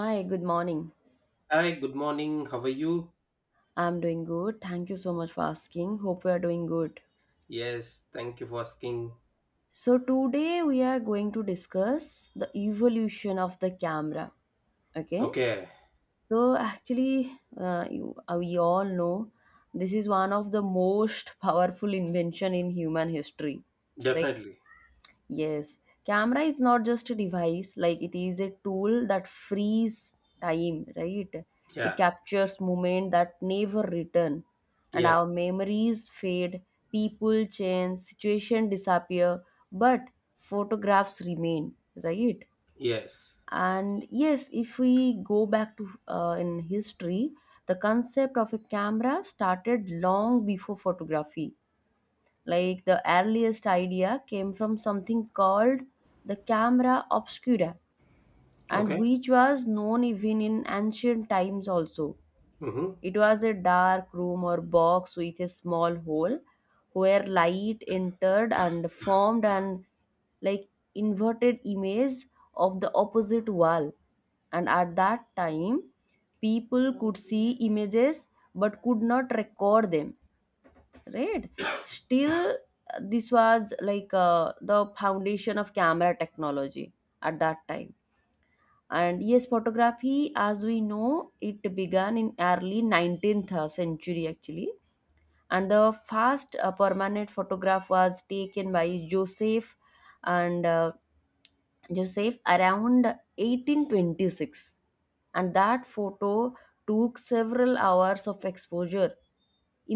Hi, good morning. Hi, good morning. How are you? I'm doing good. Thank you so much for asking. Hope we are doing good. Yes, thank you for asking. So, today we are going to discuss the evolution of the camera. Okay. Okay, So, actually, we all know this is one of the most powerful invention in human history. definitely. Yes, camera is not just a device, like it is a tool that frees time, right? It Yeah. captures moment that never return. And Yes. our memories fade, people change, situation disappear, but photographs remain, right? Yes. And yes, if we go back to in history, the concept of a camera started long before photography. Like the earliest idea came from something called the camera obscura, and Okay. which was known even in ancient times also. Mm-hmm. It was a dark room or box with a small hole where light entered and formed an, like, inverted image of the opposite wall. And at that time, people could see images but could not record them, right? Still, this was like the foundation of camera technology at that time. And yes, photography as we know it began in early 19th century actually, and the first permanent photograph was taken by Joseph, and joseph around 1826, and that photo took several hours of exposure.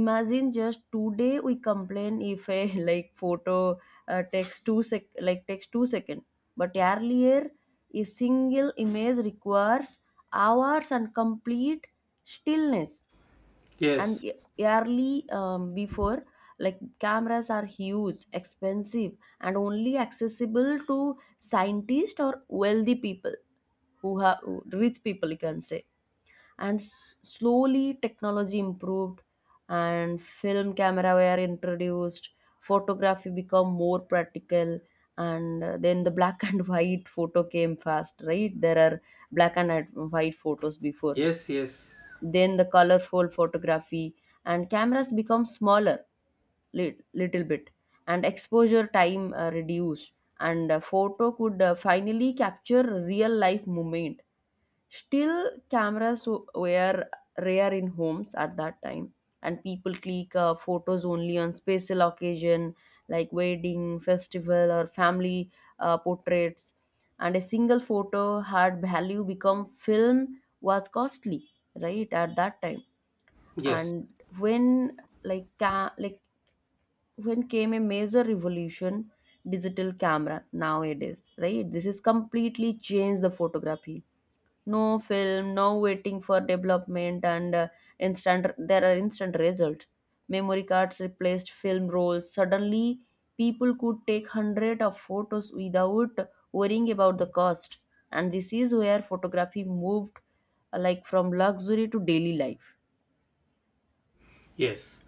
Imagine, just today we complain if a like photo takes two sec, like takes 2 second, but earlier a single image requires hours and complete stillness. and Yes. e- Early before, like, cameras are huge, expensive, and only accessible to scientists or wealthy people who have, rich people you can say. And slowly technology improved, and film camera were introduced, photography become more practical. And then the black and white photo came fast, right? There are black and white photos before, Yes, yes. then the colorful photography. And cameras become smaller, little bit, and exposure time reduced. And photo could finally capture real life moment. Still, cameras were rare in homes at that time, and people click photos only on special occasion, like wedding, festival, or family portraits. And a single photo had value become film was costly, right? At that time, Yes. and when, like ca- like when came a major revolution, digital camera nowadays, right? This is completely changed the photography. No film, no waiting for development, and instant there are instant results. Memory cards replaced film rolls. Suddenly, people could take hundred of photos without worrying about the cost. And this is where photography moved like from luxury to daily life. Yes.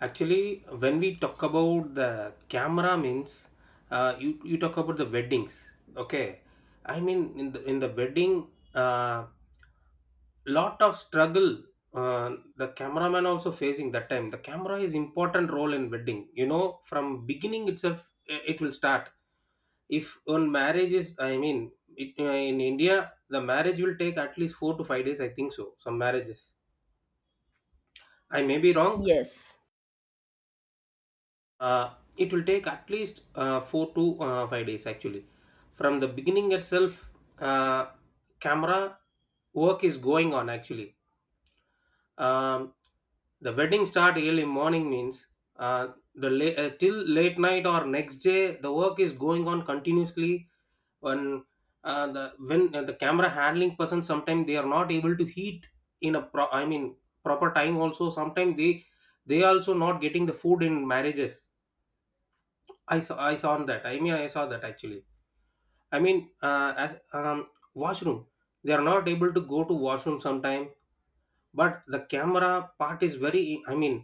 Actually, when we talk about the camera means you talk about the weddings. Okay. I mean in the wedding lot of struggle, uh, the cameraman also facing that time the camera is important role in wedding, you know, from beginning itself, it will start if on marriage is, I mean it, in India the marriage will take at least 4 to 5 days I think so. Some marriages, I may be wrong. Yes, It will take at least 4 to 5 days actually. From the beginning itself, uh, camera work is going on actually. um, the wedding start early morning means, uh, the late, till late night or next day the work is going on continuously. When the camera handling person sometimes they are not able to heat in a I mean proper time also. Sometimes they also not getting the food in marriages. I saw that, I mean I saw that actually. I mean as washroom, they are not able to go to washroom sometime. But the camera part is very, I mean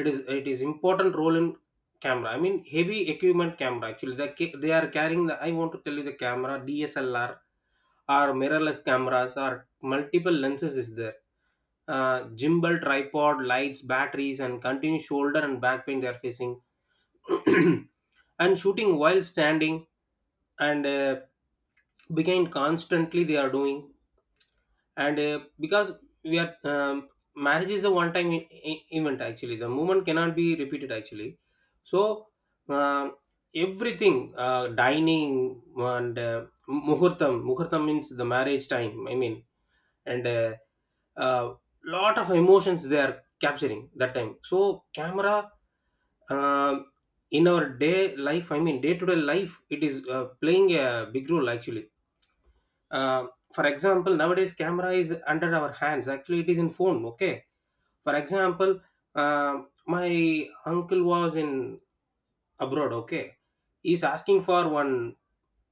it is, it is important role in camera. I mean heavy equipment camera actually, they, they are carrying the, I want to tell you, the camera DSLR or mirrorless cameras or multiple lenses is there. Gimbal, tripod, lights, batteries, and continuous shoulder and back pain they are facing. And shooting while standing, and behind constantly they are doing. And because we are marriage is a one time event actually. The movement cannot be repeated actually. So um everything, dining, and muhurtam, muhurtam means the marriage time, I mean. And uh, lot of emotions they are capturing that time. So camera, um in our day life, I mean day to day life, it is playing a big role actually. uh, for example, nowadays camera is under our hands actually. It is in phone. Okay, for example, uh, my uncle was in abroad. Okay, he's asking for one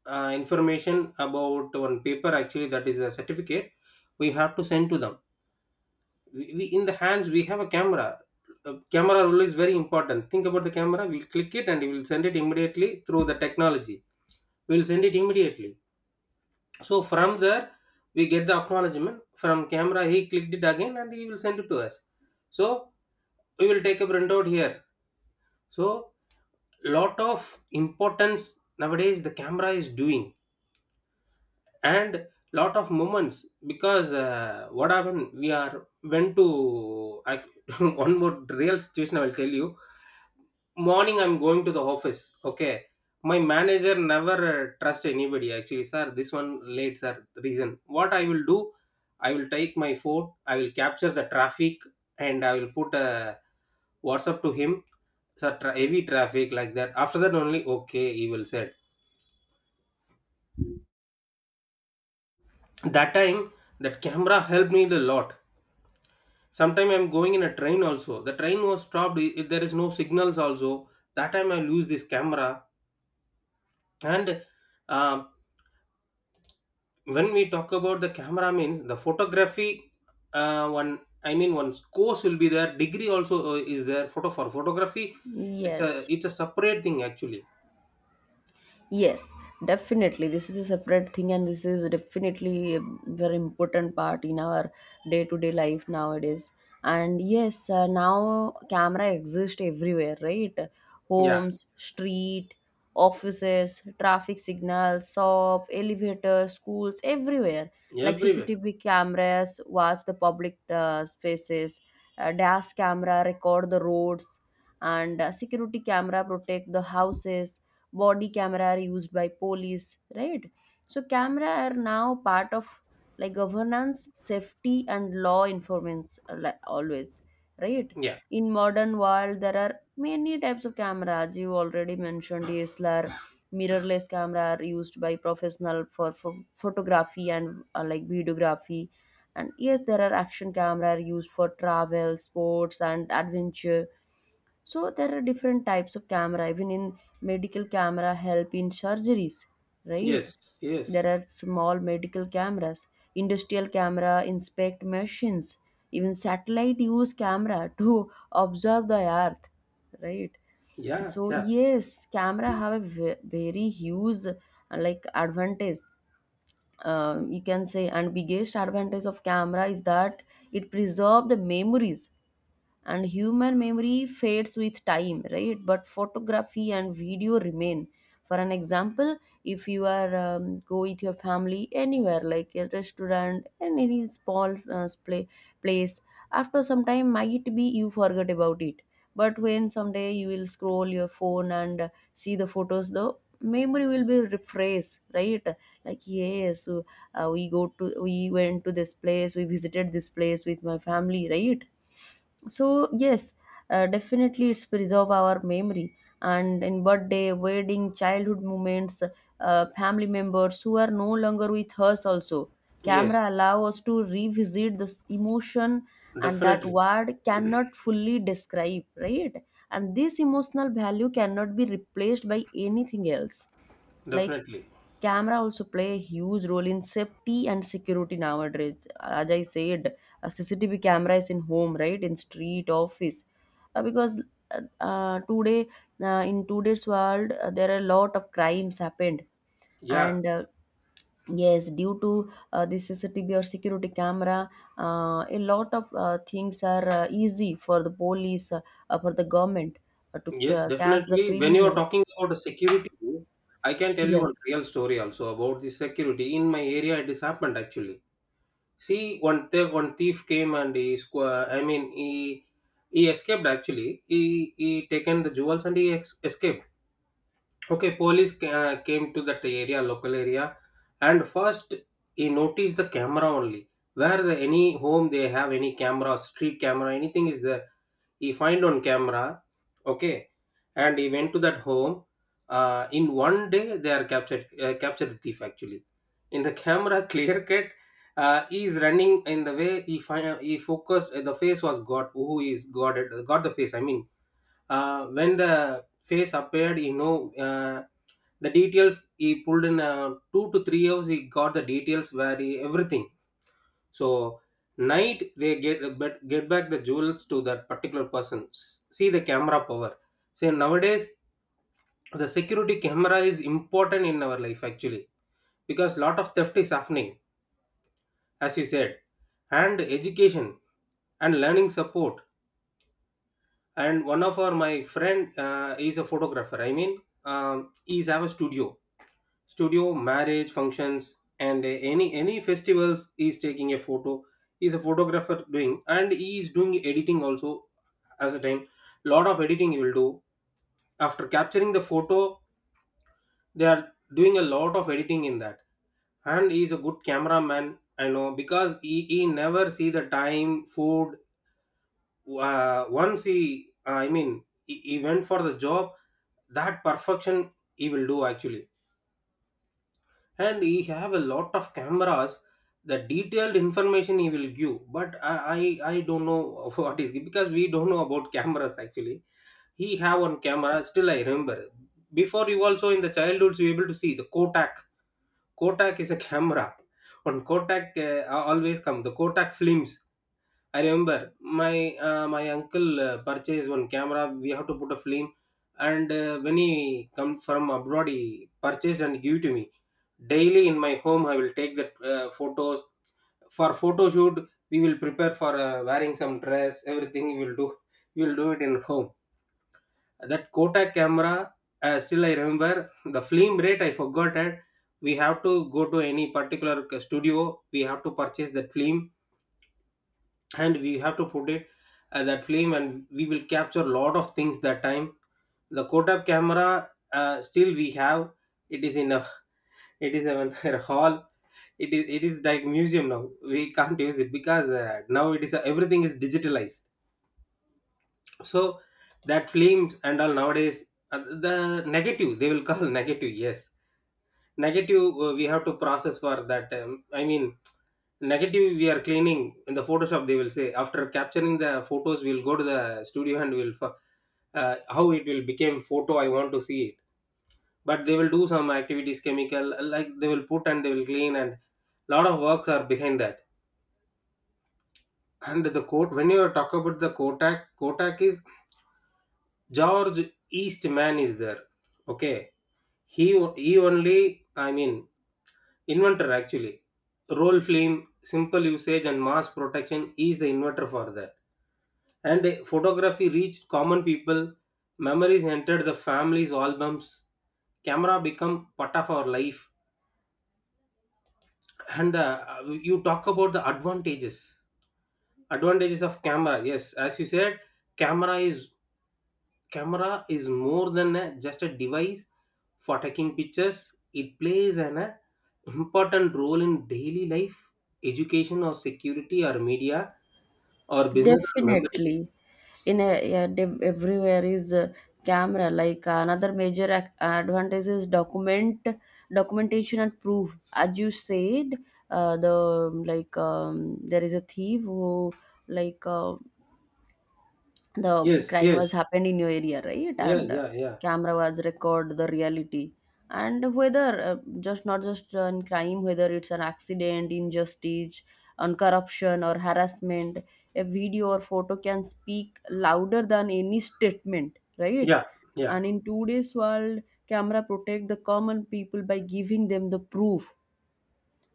information about one paper actually. That is a certificate, we have to send to them. We we in the hands we have a camera. Camera rule is very important. Think about the camera, we'll click it and we'll send it immediately through the technology. We'll send it immediately. So from there, we get the acknowledgement from camera. He clicked it again and he will send it to us. So we will take a printout here. So lot of importance nowadays the camera is doing. And lot of moments, because what happened, we are went to one more real situation I will tell you. Morning, I'm going to the office. Okay, my manager never trust anybody actually. Sir, this one late, sir. The reason what I will do, I will take my phone, I will capture the traffic and I will put a WhatsApp to him. Sir, heavy traffic, like that. After that only, okay, he will said. That time that camera helped me a lot. Sometime I'm going in a train also. The train was stopped. If there is no signals also, that time I lose this camera. And uh, when we talk about the camera means the photography, one, I mean one course will be there, degree also is there, photo for photography. It's a, yes. it's a separate thing actually. Yes, definitely. This is a separate thing, and this is definitely a very important part in our day to day life nowadays. And yes, now camera exists everywhere, right? Yeah, Homes, street, offices, traffic signals, shop, elevators, schools, everywhere. Like everywhere. CCTV cameras watch the public spaces, dash camera record the roads, and security camera protect the houses, body camera are used by police, right? So camera are now part of, like, governance, safety, and law enforcement, always, right? Yeah. In modern world, there are many types of cameras. You already mentioned DSLR, mirrorless camera are used by professional for photography and like videography. And yes, there are action camera are used for travel, sports, and adventure. So there are different types of camera. Even in medical, camera help in surgeries, right? Yes, There yes. are small medical cameras, industrial camera inspect machines, even satellite use camera to observe the earth, right? Yeah, So yeah. yes, camera have a very huge like advantage. You can say and biggest advantage of camera is that it preserve the memories, and human memory fades with time, right? But photography and video remain. For an example, if you are go with your family anywhere, like a restaurant and any small place, after some time, might be you forget about it. But when someday you will scroll your phone and see the photos, the memory will be refreshed, right? Like, yes, we went to this place, we visited this place with my family, right? So yes, definitely it's preserve our memory. And in birthday, wedding, childhood moments, family members who are no longer with us also, Yes, camera allow us to revisit this emotion, and that definitely. word cannot fully describe, right? And this emotional value cannot be replaced by anything else. Like, Definitely. camera also play a huge role in safety and security nowadays, as I said, a CCTV camera is in home, right, in street, office. Because uh, today In today's world, there are a lot of crimes happened. Yeah. And yes, due to the CCTV or security camera, a lot of things are easy for the police, for the government to Yes, catch the definitely when you are criminal. talking about the security, I can tell you one Yes. real story also about the security in my area it is happened actually. See, one thief came and he I mean, he escaped actually. He taken the jewels and he escaped. Okay, police came to that area, local area, and first he noticed the camera only. Where the, any home they have any camera, street camera, anything is there. He find on camera, okay, and he went to that home. In one day, they are captured. Captured the thief actually. In the camera, clear cut. He is running in the way, he find, he focused. The face was got. Who is got it? Got the face. I mean, when the face appeared, you know, the details he pulled in 2 to 3 hours. He got the details where he, everything. So night they get but get back the jewels to that particular person. See the camera power. See, nowadays the security camera is important in our life actually, because lot of theft is happening, as you said. And education and learning support, and one of our, my friend is a photographer, I mean, he's have a studio. Studio marriage functions and any festivals, he's taking a photo. He's a photographer doing, and he is doing editing also. As a time, lot of editing he will do. After capturing the photo, they are doing a lot of editing in that. And he's a good cameraman, I know, because he never see the time food. Uh, once he I mean he went for the job, that perfection he will do actually. And he have a lot of cameras, the detailed information he will give. But I, I don't know what is, because we don't know about cameras actually. He have one camera, still I remember, before you also, in the childhoods, you able to see the Kotak. Kotak is a camera. On Kotak, always come the Kotak films. I remember my my uncle purchased one camera. We have to put a film, and when he come from abroad, he purchased and give to me. Daily in my home, I will take that photos for photo shoot. We will prepare for wearing some dress. Everything we will do. We will do it in home. That Kotak camera. Still, I remember the film rate, I forgot it. We have to go to any particular studio. We have to purchase that film, and we have to put it at that flame, and we will capture a lot of things that time. The Kodak camera still we have. It is in a it is in a hall. It is like museum now. We can't use it because now it is, everything is digitalized. So that flames and all nowadays, uh, the negative they will call, negative, yes. Negative, we have to process for that, I mean, negative, we are cleaning in the Photoshop. They will say, after capturing the photos, we'll go to the studio and we'll how it will become photo, I want to see it. But they will do some activities, chemical like they will put and they will clean, and lot of works are behind that. And the quote, when you talk about the Kotak, Kotak is George Eastman is there. Okay, he he only, I mean inventor actually. Roll film, simple usage and mass protection is the inventor for that, and photography reached common people. Memories entered the family's albums. Camera become part of our life. And you talk about the advantages. Advantages of camera. Yes, as you said, camera is, camera is more than a, just a device for taking pictures. It plays an important role in daily life, education, or security, or media, or business, or memories. Definitely. In a, yeah, everywhere is a camera. Like another major advantage is documentation and proof. As you said, there is a thief who, like uh, the Yes, crime was yes, happened in your area, right? yeah, And yeah, yeah, camera was record the reality. And whether, just not just on crime, whether it's an accident, injustice, on corruption or harassment, a video or photo can speak louder than any statement, right? yeah, yeah. And in today's world, camera protect the common people by giving them the proof.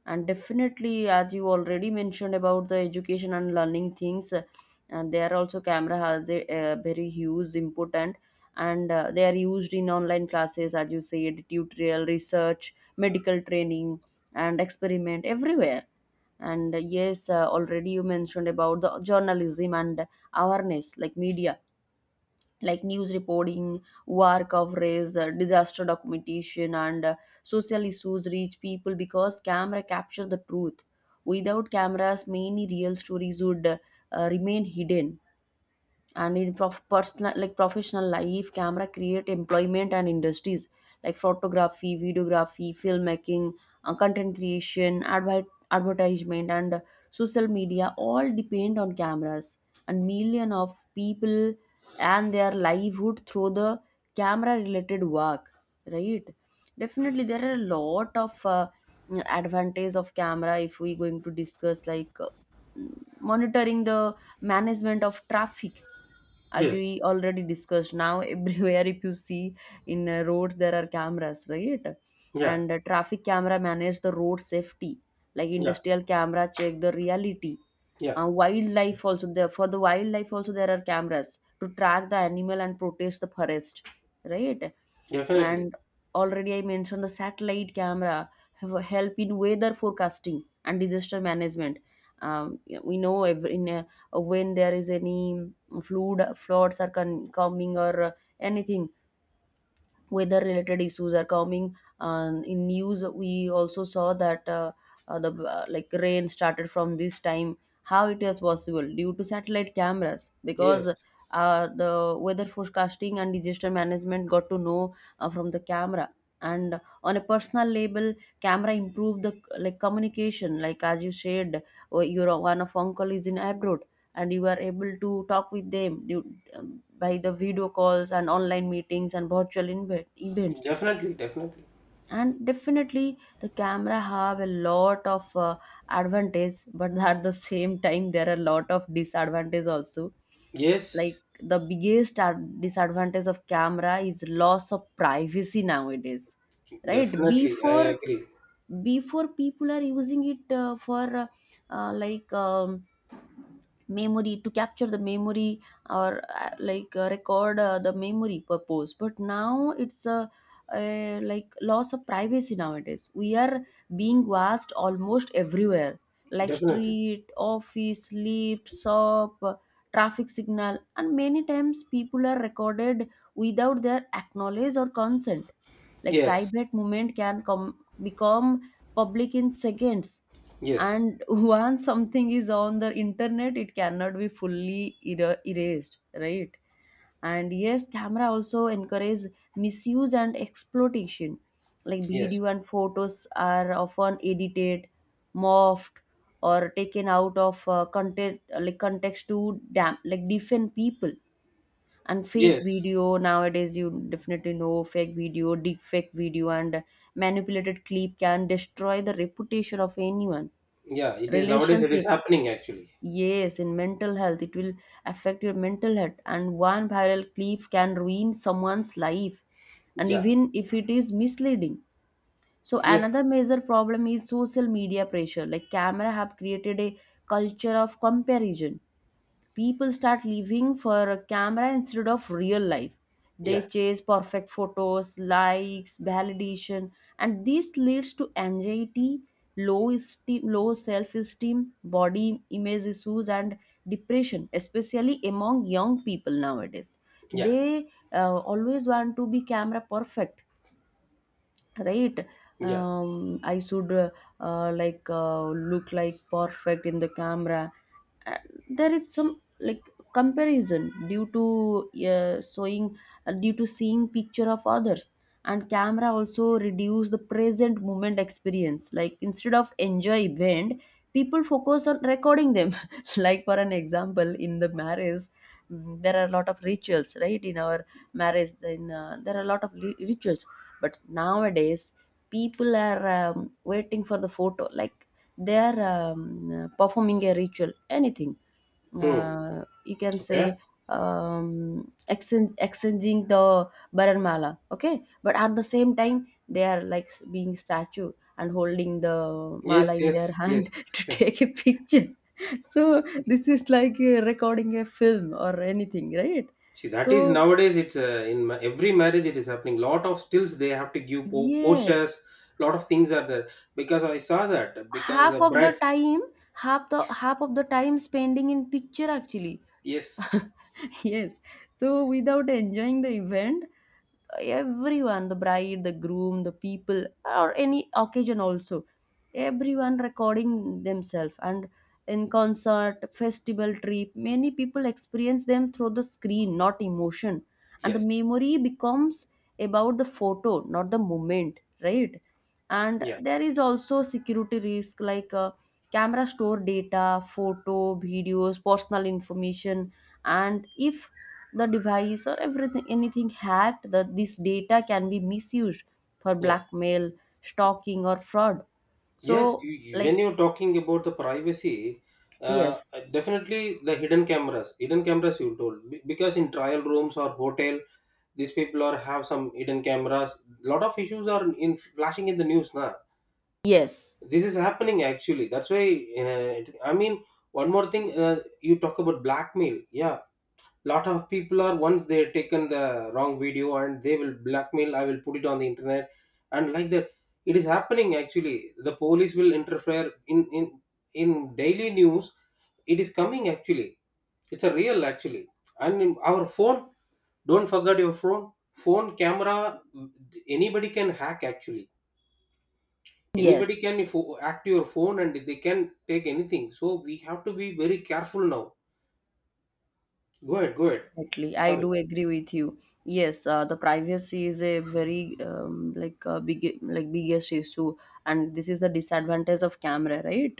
And definitely, as you already mentioned about the education and learning things, and there also camera has a, very huge important. And they are used in online classes, as you said, tutorial, research, medical training, and experiment everywhere. And already you mentioned about the journalism and awareness, like media, like news reporting, war coverage, disaster documentation, and social issues reach people because camera captures the truth. Without cameras, many real stories would remain hidden. And in personal, like professional life, camera create employment and industries, like photography, videography, filmmaking, content creation, advertisement, and social media all depend on cameras. And million of people and their livelihood through the camera related work, right? Definitely there are a lot of advantage of camera. If we going to discuss, like monitoring, the management of traffic, as Yes. we already discussed, now everywhere if you see in roads there are cameras, right? Yeah, And traffic camera manage the road safety, like yeah, industrial camera check the reality, yeah, wildlife also, there are cameras to track the animal and protect the forest, right? definitely. And already I mentioned the satellite camera have a help in weather forecasting and disaster management. Yeah, we know if in a, when there is any floods are coming, or anything weather related issues are coming, in news we also saw that, the like rain started from this time. How it is possible? Due to satellite cameras, because Yes, the weather forecasting and disaster management got to know from the camera. And on a personal level, camera improved the, like, communication, like as you said, oh, your one of uncle is in abroad and you are able to talk with them, by the video calls and online meetings and virtual events. definitely, definitely. And definitely the camera have a lot of advantage, but at the same time there are a lot of disadvantage also. Like Yes, the biggest disadvantage of camera is loss of privacy nowadays, right? definitely. I before agree. before people are using it for like memory to capture the memory, or record the memory purpose, but now it's a, like, loss of privacy. Nowadays we are being watched almost everywhere, like Definitely. street, office, lift, shop, traffic signal, and many times people are recorded without their acknowledge or consent. Like Yes, private moment can come, become public in seconds, yes, and once something is on the internet, it cannot be fully erased, right? And yes, camera also encourage misuse and exploitation. Like yes, video and photos are often edited, morphed, or taken out of content like context to damn, like defend people. And fake yes. video nowadays, you definitely know, fake video, deep fake video, and manipulated clip can destroy the reputation of anyone, Yeah, it is nowadays, it is relationship. happening actually. Yes, in mental health, it will affect your mental health, and one viral clip can ruin someone's life, and Yeah, even if it is misleading. So yes, another major problem is social media pressure. Like camera have created a culture of comparison. People start living for a camera instead of real life. They yeah, chase perfect photos, likes, validation, and this leads to anxiety, low esteem, low self-esteem, body image issues, and depression, especially among young people nowadays. yeah, They always want to be camera perfect, right? yeah. I should look like perfect in the camera. Uh, there is some, like, comparison due to showing due to seeing picture of others. And camera also reduce the present moment experience, like instead of enjoy event, people focus on recording them. Like for an example, in the marriage, there are a lot of rituals, right? In our marriage, in there are a lot of rituals, but nowadays people are waiting for the photo. Like they are performing a ritual, anything, Hmm. You can Okay. say, exchanging the baranmala, okay, but at the same time they are like being statue and holding the Yes, mala in their yes, yes. hand to take a picture. So this is like recording a film or anything, right? See, that is So nowadays, it's in every marriage, it is happening. Lot of stills they have to give yes, postures, lot of things are there, because I saw that, because a half of the bride, time half of the time spending in picture actually. yes. Yes, so without enjoying the event, everyone, the bride, the groom, the people, or any occasion also, everyone recording themselves. And in concert, festival, trip, many people experience them through the screen, not emotion. And the Yes. memory becomes about the photo, not the moment, right? And Yeah. there is also security risk, like camera store data, photo, videos, personal information. And if the device or everything, anything hacked, that this data can be misused for Yeah. blackmail, stalking, or fraud. Yes. So, You, when like, you're talking about the privacy, yes, definitely the hidden cameras you told, because in trial rooms or hotel, these people are have some hidden cameras. Lot of issues are in flashing in the news now. yes, This is happening actually. That's why. I mean, one more thing. You talk about blackmail. Yeah, lot of people are once they've taken the wrong video and they will blackmail, I will put it on the internet and like that. It is happening actually. The police will interfere in daily news. It is coming actually. It's a real actually. And in our phone, don't forget your phone camera. Anybody can hack actually. Anybody yes. can hack your phone and they can take anything, so we have to be very careful now. Go ahead, go ahead. Definitely, I Sorry. do agree with you. Yes, the privacy is a very big, like biggest issue, and this is the disadvantage of camera, right?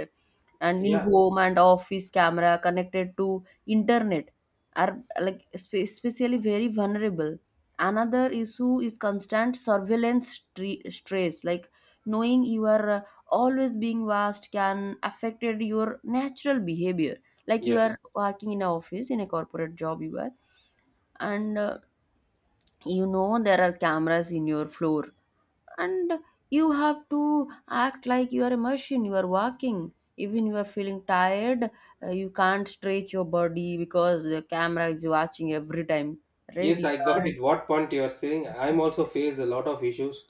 And in Yeah. home and office, camera connected to internet are like especially very vulnerable. Another issue is constant surveillance stress, like knowing you are always being watched can affect your natural behavior. Like you Yes. are working in an office in a corporate job, you are, and you know there are cameras in your floor, and you have to act like you are a machine, you are walking even you are feeling tired. You can't stretch your body because the camera is watching every time, right? Yes, You I got can't. it. What point you are saying? I'm also face a lot of issues.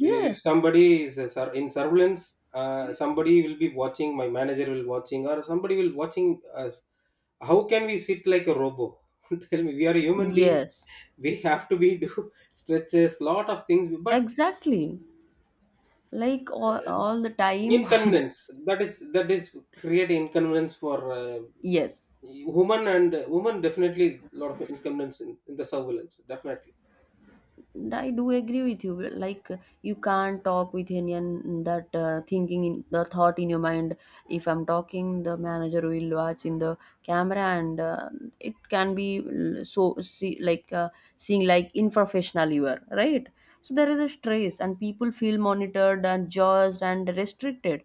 If somebody is a in surveillance, somebody will be watching. My manager will watching, or somebody will watching us. How can we sit like a robo? Tell me, we are a human being. yes, We have to be do stretches, lot of things. But exactly, like all, uh, all the time. inconvenience, that is create inconvenience for Yes. women and woman. Definitely lot of inconvenience in the surveillance definitely. And I do agree with you. Like you can't talk with anyone that thinking in the thought in your mind. If I'm talking, the manager will watch in the camera, and it can be so see, like seeing like unprofessional you are, right? So there is a stress, and people feel monitored and judged and restricted.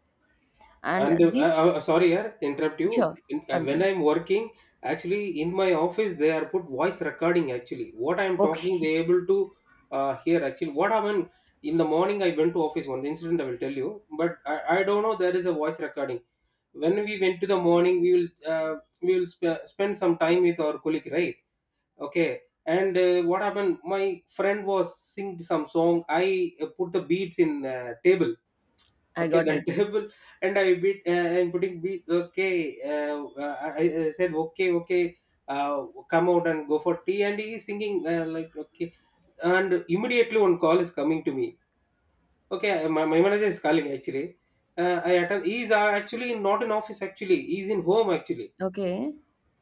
And And this, sorry, yeah, interrupt sure, you. In, when continue. I'm working, actually in my office, they are put voice recording. Actually, what I'm talking, Okay, they able to hear. Actually, what happened in the morning? I went to office. One incident I will tell you, but I don't know. There is a voice recording. When we went to the morning, we will spend some time with our colleague, right? Okay. And what happened? My friend was singing some song. I put the beats in table. I Okay, got that it. table, and I beat. I'm putting beat. Okay, I said okay, okay. Come out and go for tea, and he is singing like okay. And immediately one call is coming to me. Okay, my manager is calling actually. I attend. He's actually not in office. Actually, he's in home. Actually, Okay,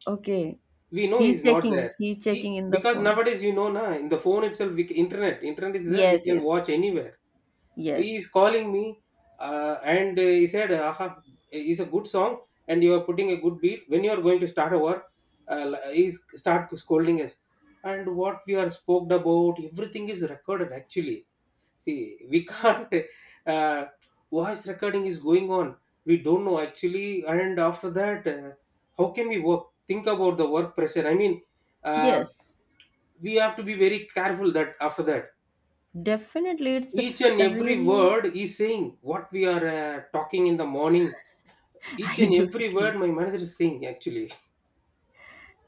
okay. we know He's he's not checking. there. He's He, checking in the because phone. nowadays you know na in the phone itself, internet, internet is there. We Yes, can yes. watch anywhere. He Yes, is calling me, and he said aha, it's a good song and you are putting a good beat when you are going to start a work. Uh, he s- start scolding us, and what we are spoke about, everything is recorded actually. See, we can't. uh, Voice recording is going on, we don't know actually. And after that, how can we work? Think about the work pressure, I mean. uh, yes, we have to be very careful that after that definitely. It's each and every really, word is saying what we are talking in the morning. Each I and do every agree. word my manager is saying actually.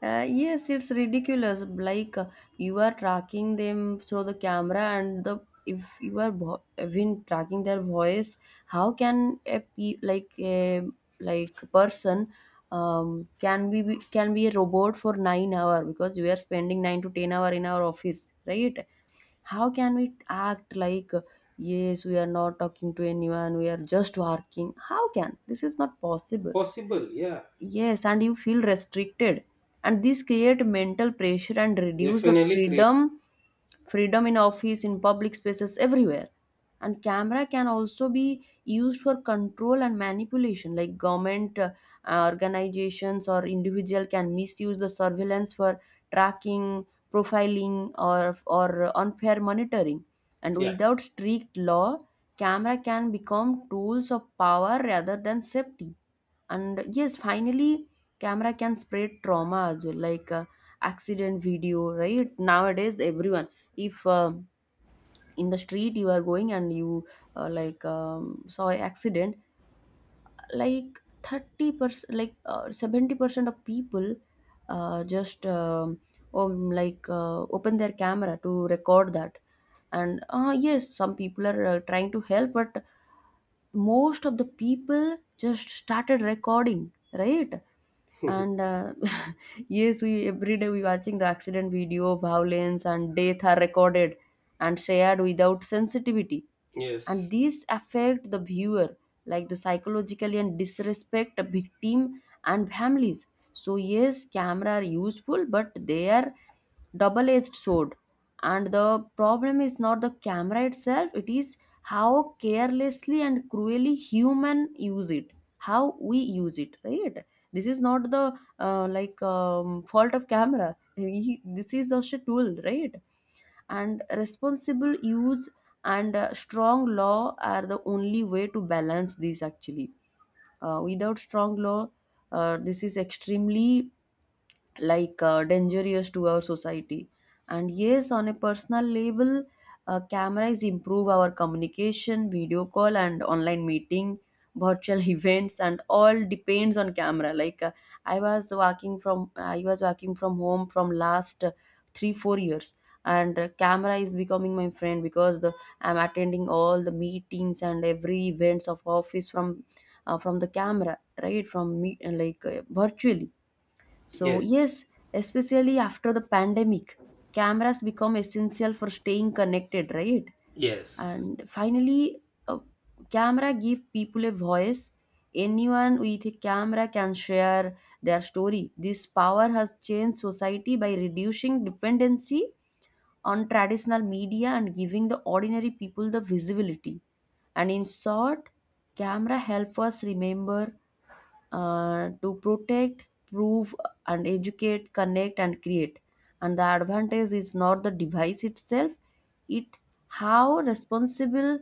Yes, it's ridiculous. Like you are tracking them through the camera, and the if you are even tracking their voice, how can a person can can be a robot for 9 hours, because we are spending 9 to 10 hours in our office, right? How can we act like yes, we are not talking to anyone, we are just working? How can, this is not possible? Possible, yeah. Yes, and you feel restricted, and this create mental pressure and reduce the Definitely create. freedom, freedom in office, in public spaces, everywhere. And camera can also be used for control and manipulation, like government, organizations or individual can misuse the surveillance for tracking, profiling, or unfair monitoring. And Yeah. without strict law, camera can become tools of power rather than safety. And yes, finally, camera can spread trauma as well, like accident video, right? Nowadays everyone, if in the street you are going and you saw an accident, like 30 percent, like 70 percent of people just like open their camera to record that. And yes, some people are trying to help, but most of the people just started recording, right? And yes, we every day we watching the accident video, violence and death are recorded and shared without sensitivity. And Yes, these affect the viewer, like the psychologically, and disrespect the victim and families. So yes, camera are useful, but they are double edged sword. And the problem is not the camera itself, it is how carelessly and cruelly human use it, how we use it, right? This is not the fault of camera. This is just a tool, right? And responsible use, and strong law are the only way to balance these actually. Without strong law, this is extremely, like dangerous to our society. And yes, on a personal level, cameras improve our communication, video call and online meeting, virtual events, and all depends on camera. Like I was working from home from last 3-4 years, and camera is becoming my friend. Because the, I'm attending all the meetings and every events of office from the camera, right, from me, like virtually. So, yes, yes, especially after the pandemic, cameras become essential for staying connected, right? yes, And finally, a camera give people a voice. Anyone with a camera can share their story. This power has changed society by reducing dependency on traditional media and giving the ordinary people the visibility. And in short, camera help us remember, to protect, prove, and educate, connect, and create. And the advantage is not the device itself, it how responsible,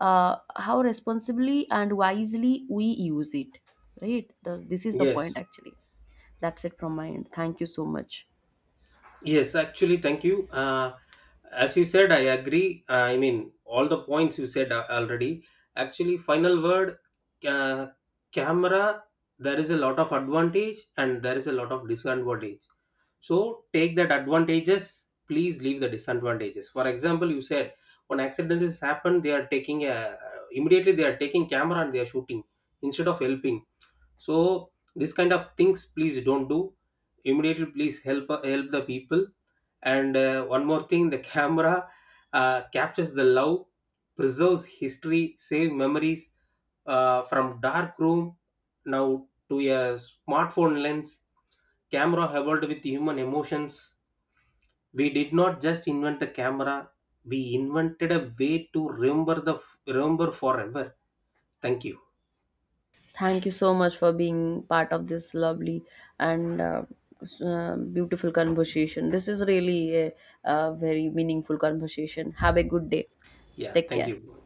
how responsibly and wisely we use it. Right? This is the point yes. actually. That's it from my end. Thank you so much. Yes, actually, thank you. As you said, I agree. All the points you said already. Actually, final word, uh, camera, there is a lot of advantage and there is a lot of disadvantage. So take that advantages, please leave the disadvantages. For example, you said when accidents has happened, they are taking a, immediately they are taking camera and they are shooting instead of helping. So this kind of things, please don't do. Immediately, please help help the people, and one more thing, the camera captures the love, preserves history, save memories from dark room now to a smartphone lens. Camera evolved with human emotions. We did not just invent the camera; we invented a way to remember forever. Thank you. Thank you so much for being part of this lovely and beautiful conversation. This is really a very meaningful conversation. Have a good day. Yeah, Take thank care. you.